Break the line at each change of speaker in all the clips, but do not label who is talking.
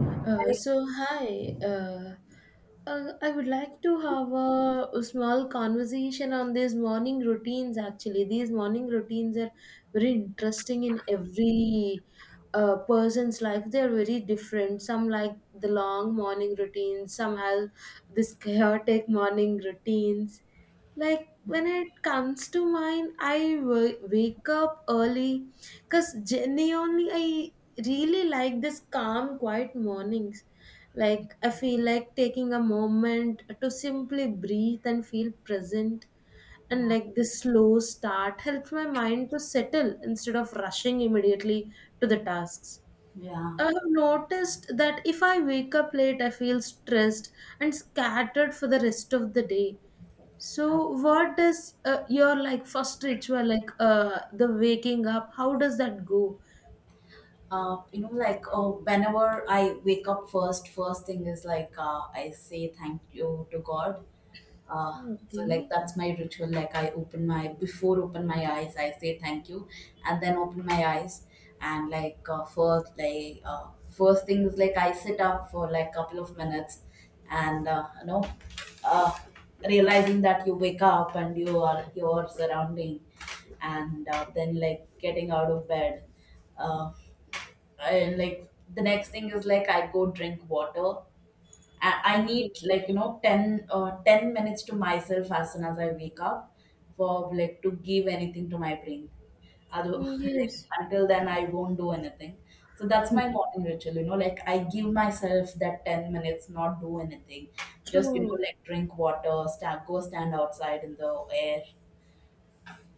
So hi, I would like to have a small conversation on these morning routines. Actually, these morning routines are very interesting in every person's life. They are very different. Some like the long morning routines. Some have this chaotic morning routines. Like when it comes to mine, wake up early because genuinely I really like this calm, quiet mornings. Like I feel like taking a moment to simply breathe and feel present. And like this slow start helps my mind to settle instead of rushing immediately to the tasks.
Yeah.
I have noticed that if I wake up late, I feel stressed and scattered for the rest of the day. So, what is your like first ritual, like the waking up? How does that go?
You know, whenever I wake up, first thing is I say thank you to God uh, so like
Okay.
that's my ritual. Like, I open my before open my eyes, I say thank you, and then open my eyes. And first thing is like I sit up for like couple of minutes and, you know, uh, realizing that you wake up and you are your surrounding. And then like getting out of bed uh,, and like the next thing is like I go drink water. I
Mhm.
need, like, you know, 10, 10 minutes to myself as soon as I wake up, for like to give anything to my brain. Other like
Yes,
until then I won't do anything. So that's my morning ritual, you know? Like, I give myself that 10 minutes, not do anything. Just, you know,
true.
like drink water, stand, go stand outside in the air.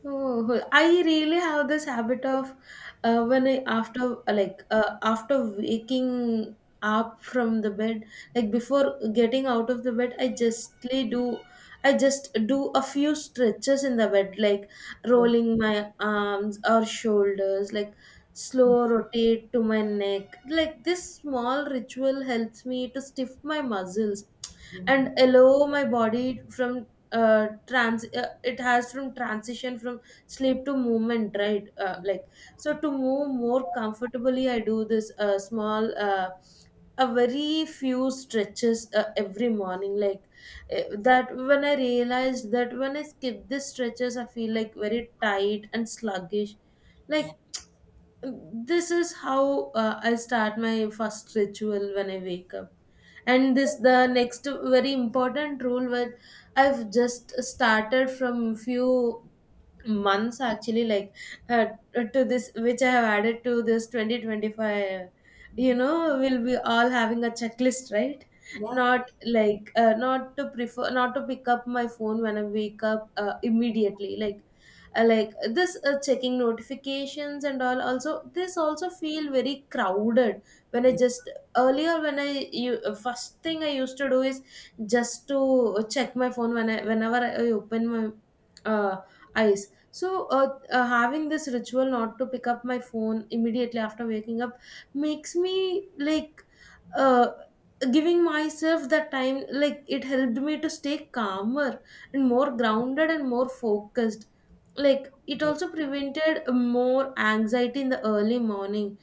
Oh, I really have this habit of when I after after waking up from the bed, like before getting out of the bed, I just do a few stretches in the bed, like rolling my arms or shoulders, like slow rotate to my neck. Like this small ritual helps me to stiff my muscles
Yeah,
and allow my body from trans it has from transition from sleep to movement, right? Like, so to move more comfortably, I do this small, a very few stretches every morning. That when I realized that when I skip these stretches I feel like very tight and sluggish,
yeah,
like this is how I start my first ritual when I wake up. And this the next very important rule that I've just started from few months actually, uh, to this which I have added to this 2025. You know, we'll be all having a checklist, right?
yeah,
Not not to prefer not to pick up my phone when I wake up immediately, this checking notifications and all, also this also feel very crowded when I just earlier when I you first thing I used to do is just to check my phone when I whenever I open my uh, eyes. So having this ritual not to pick up my phone immediately after waking up makes me like uh, giving myself that time, like it helped me to stay calmer and more grounded and more focused. Like it
yeah,
also prevented more anxiety in the early morning,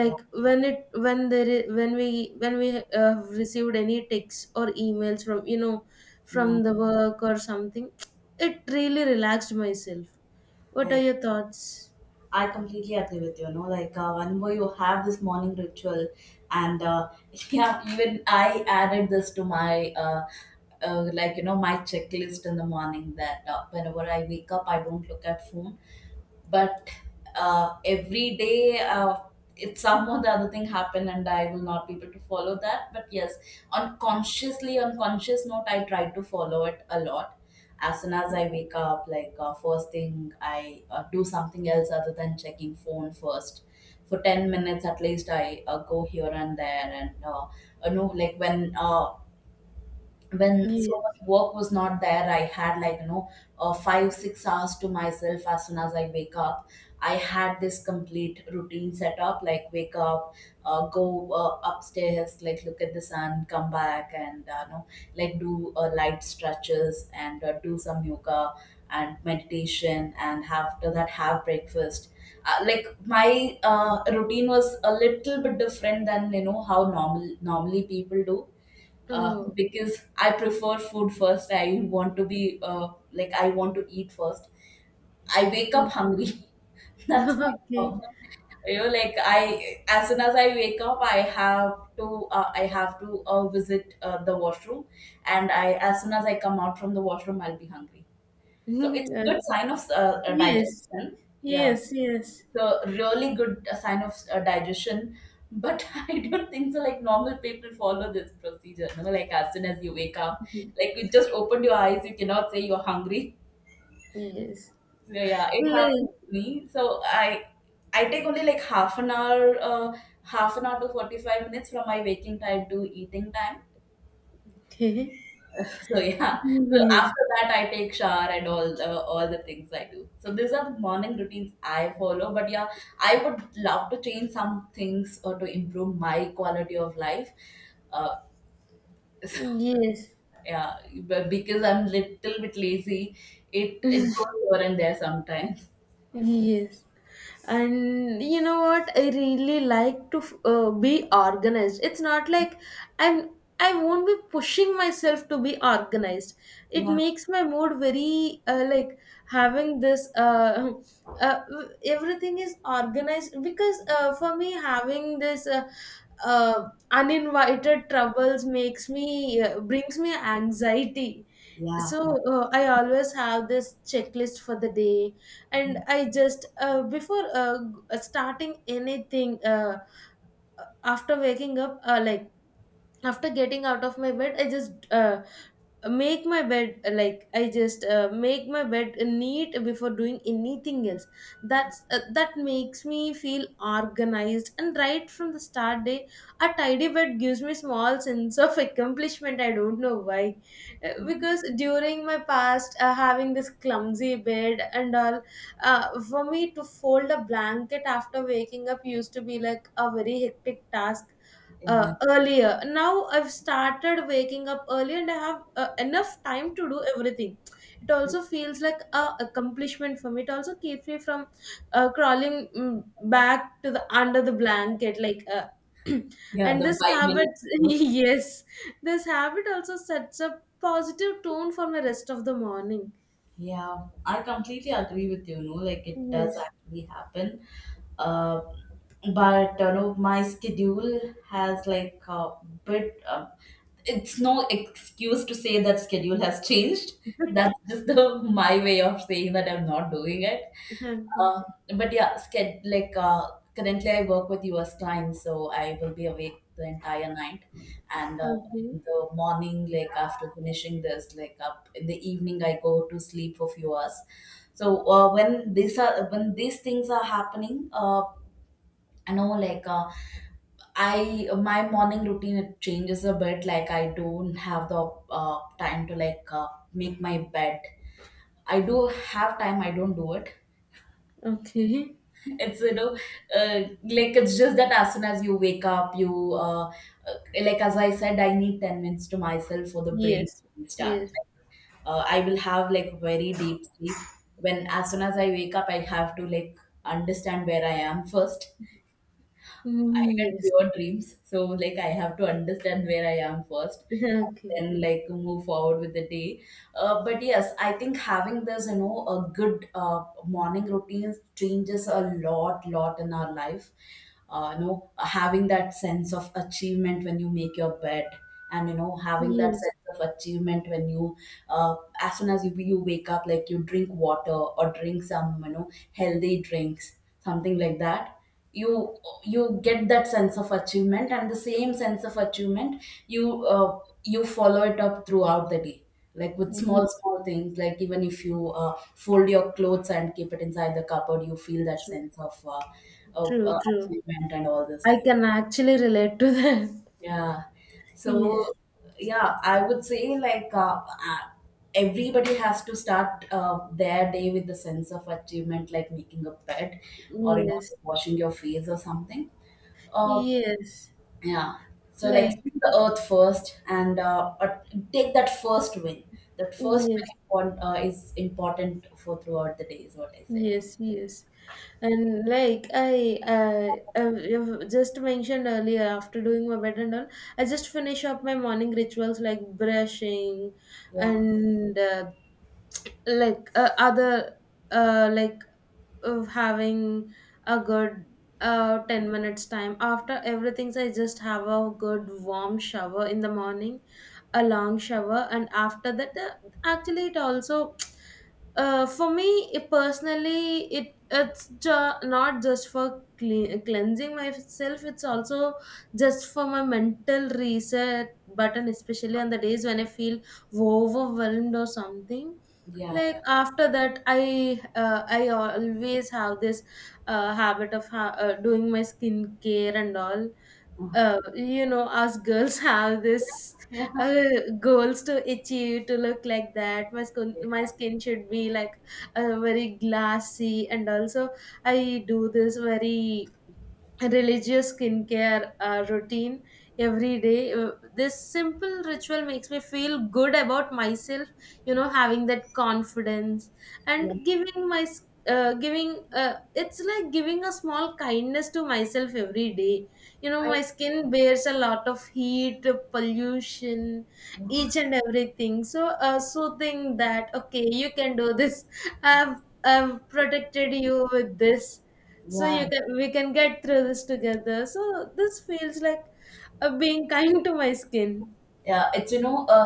yeah.
when it when there is, when we have received any texts or emails from, you know,
Yeah.
from the work or something, it really relaxed myself. What are
I
your thoughts?
I completely agree with you. You know, like, whenever you have this morning ritual, and yeah, even I added this to my like, you know, my checklist in the morning, that whenever I wake up, I don't look at phone. But every day uh,, it's some or the other thing happen and I will not be able to follow that. But yes, unconsciously, unconscious note, I try to follow it a lot. As soon as I wake up, like, first thing I do something else other than checking phone first. For 10 minutes at least, I go here and there, and you know, like when so much
Yes.
work was not there, I had, like, you know, 5 6 hours to myself as soon as I wake up. I had this complete routine set up, like wake up, go upstairs, like look at the sun, come back and, you know, like do light stretches and do some yoga and meditation, and after that have breakfast. Like my routine was a little bit different than, you know, how normally people do.
Oh.
Because I prefer food first. I want to be like, I want to eat first. I wake up
Okay.
hungry. That's my
Okay.
problem. You know, like, I as soon as I wake up, I have to visit the washroom, and I as soon as I come out from the washroom, I'll be hungry. So it's a
Okay.
good sign of
Yes,
digestion. Yeah,
yes. Yes,
the really good sign of digestion. But I don't think so. Like normal people follow this procedure. You know? Like, as soon as you wake up, like you just opened your eyes, you cannot say you're hungry.
yes,
So yeah, it
like.
happened to me. So I take only like half an hour to 45 minutes from my waking time to eating time.
Yes.
So yeah, so after that I take shower and all the, all the things I do. So these are the morning routines I follow. But yeah, I would love to change some things or to improve my quality of life. Uh, so,
Yes.
yeah, but because I'm little bit lazy, it goes over and there sometimes.
Yes. And you know what? I really like to be organized. It's not like I'm I won't be pushing myself to be organized. It
Yeah,
makes my mood very having this uh everything is organized, because for me having this uh, uninvited troubles makes me brings me anxiety.
yeah,
So
yeah.
I always have this checklist for the day, and I just before starting anything after waking up, after getting out of my bed, I just make my bed like I just make my bed neat before doing anything else. That's that makes me feel organized and right from the start day. A tidy bed gives me small sense of accomplishment, I don't know why.
Mhm.
Because during my past having this clumsy bed and all for me to fold a blanket after waking up used to be like a very hectic task
Yeah,
earlier. Now I've started waking up early and I have enough time to do everything. It also feels like a accomplishment for me. It also keeps me from crawling, back to the under the blanket like.
yeah.
And
The
this
five
habit,
minutes.
yes, this habit also sets a positive tone for my rest of the morning.
Yeah, I completely agree with you. No, like, it does
Yes.
actually happen. Uh, but you know, my schedule has like a bit. It's no excuse to say that schedule has changed. That's just the my way of saying that I'm not doing it.
Okay.
Uh, but yeah, sched like currently I work with US clients, so I will be awake the entire night, and
Okay.
in the morning, like after finishing this like up in the evening, I go to sleep for few hours. So when these are, when these things are happening, I know, I my morning routine, it changes a bit. Like, I don't have the time to make my bed. I do have time, I don't do it.
Okay.
It's, you know, uh, like, it's just that as soon as you wake up, you like, as I said, I need 10 minutes to myself for the brain
Yes.
to start.
Yes.
I will have like very deep sleep. When, as soon as I wake up, I have to like understand where I am first. I get
Yes.
pure dreams. So like I have to understand where I am first,
Okay.
and then like move forward with the day. But yes, I think having this, you know, a good morning routine changes a lot, lot in our life. You know, having that sense of achievement when you make your bed, and, you know, having that
Yes.
sense of achievement when you uh, as soon as you wake up, like you drink water or drink some, you know, healthy drinks something like that. You you get that sense of achievement, and the same sense of achievement you you follow it up throughout the day, like with
Ye
small small things, like even if you fold your clothes and keep it inside the cupboard, you feel that
true,
sense of
true, true.
achievement and all those
I
things.
can actually relate to that.
Yeah.
Yes,
So, yeah, I would say like everybody has to start their day with the sense of achievement, like making a bed or, you know,
yes,
washing your face or something. Uh,
yes.
yeah. So, like, see
Like,
the earth first and take that first win. That first
yes,
win is important for throughout the day, is what I say.
yes, yes. And like I, you've just mentioned earlier, after doing my bed and all, I just finish up my morning rituals like brushing
Yeah.
and other, uh, like of having a good 10 minutes time after everything. I just have a good warm shower in the morning, a long shower, and after that actually it also for me it personally it's not just for cleansing myself, it's also just for my mental reset button, especially on the days when I feel overwhelmed or something. Like
Yeah.
after that I always have this habit of doing my skincare and all. Uh, you know, us girls have this
Yeah.
uh, goals to achieve to look like that my skin should be like very glassy, and also I do this very religious skincare routine every day. This simple ritual makes me feel good about myself, you know, having that confidence
Yeah. Yeah.
and giving, it's like giving a small kindness to myself every day. You know,
I,
my skin bears a lot of heat, pollution, each and everything, so soothing that okay you can do this, i've I've protected you with this, so you
yeah.
can we can get through this together. So this feels like being kind to my skin.
Yeah, it's, you know, a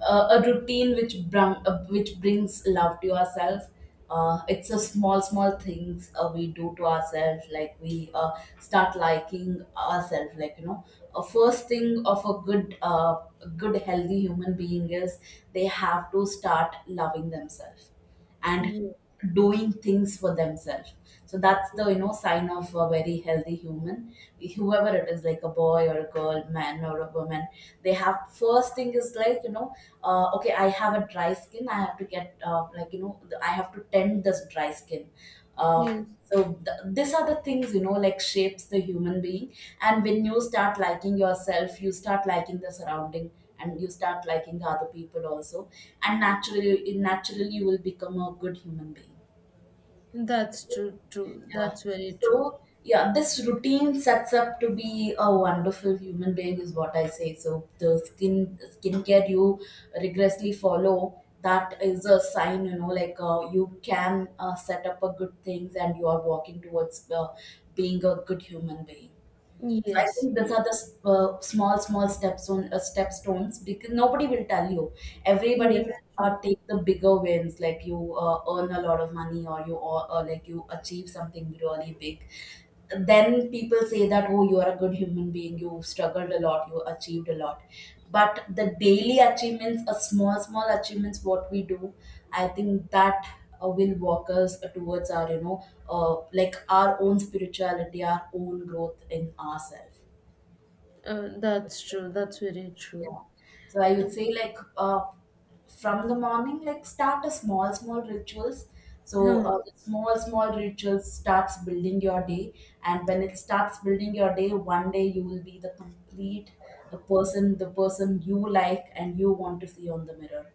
a routine which bring which brings love to yourself. It's a small small things we do to ourselves. Like, we start liking ourselves. Like, you know, a first thing of a good good healthy human being is they have to start loving themselves and
Yes,
doing things for themselves. So that's the, you know, sign of a very healthy human. Whoever it is, like a boy or a girl, man or a woman, they have first thing is like, you know, okay, I have a dry skin, I have to get like, you know, I have to tend this dry skin. Uh,
yes.
so these are the things, you know, like shapes the human being. And when you start liking yourself, you start liking the surrounding, and you start liking the other people also. And naturally you will become a good human being.
That's true, true,
Yeah.
that's very true.
So, yeah, this routine sets up to be a wonderful human being, is what I say. So the skincare you rigorously follow, that is a sign, you know, like, you can set up a good things, and you are walking towards being a good human being. So I
Yes,
think these are the small, small steps on step stones, because nobody will tell you. Everybody will
yes, true.
take the bigger wins, like you earn a lot of money, or you, or like you achieve something really big. Then people say that, oh, you are a good human being. You struggled a lot. You achieved a lot. But the daily achievements, a small, small achievements, what we do, I think that will walk us towards our, you know, like our own spirituality, our own growth in ourselves.
Uh, that's true, that's very true.
Yeah. So I would say like from the morning, like start a small, small rituals. So
Huh.
the small, small rituals starts building your day, and when it starts building your day, one day you will be the complete the person you like and you want to see on the mirror.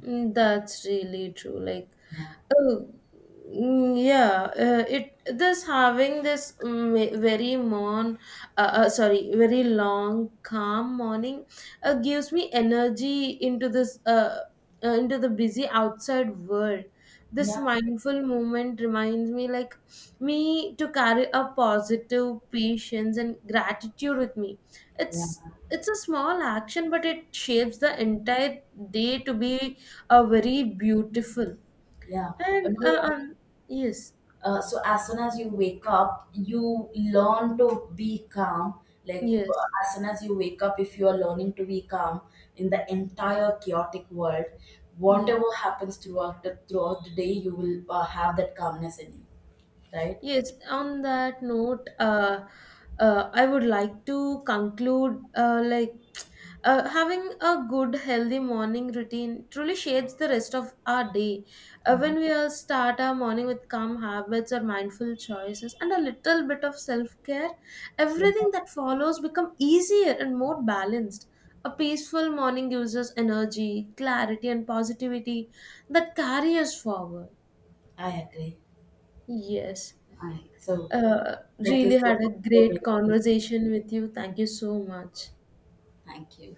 Mm, that's really true. Like,
Yeah,
oh, mm, yeah. It this having this very long calm morning, gives me energy into this into the busy outside world. This
yeah,
mindful moment reminds me, like, me to carry a positive patience and gratitude with me.
yeah,
It's it's a small action but it shapes the entire day to be a very beautiful
yeah.
and
No,
yes
so as soon as you wake up, you learn to be calm. Like,
yes
as soon as you wake up, if you are learning to be calm in the entire chaotic world,
yes.
whatever happens throughout the, throughout the day, you will have that calmness in you, right?
Yes, on that note, I would like to conclude, having a good, healthy morning routine truly shapes the rest of our day.
Yeah.
When we start our morning with calm habits or mindful choices and a little bit of self care,
Yeah.
everything that follows become easier and more balanced. A peaceful morning gives us energy, clarity, and positivity that carry us forward.
I agree.
Yes.
I so
Uh,
thank you
really
so
had a
much for
great
doing this.
conversation with you. Thank you so much.
Thank you.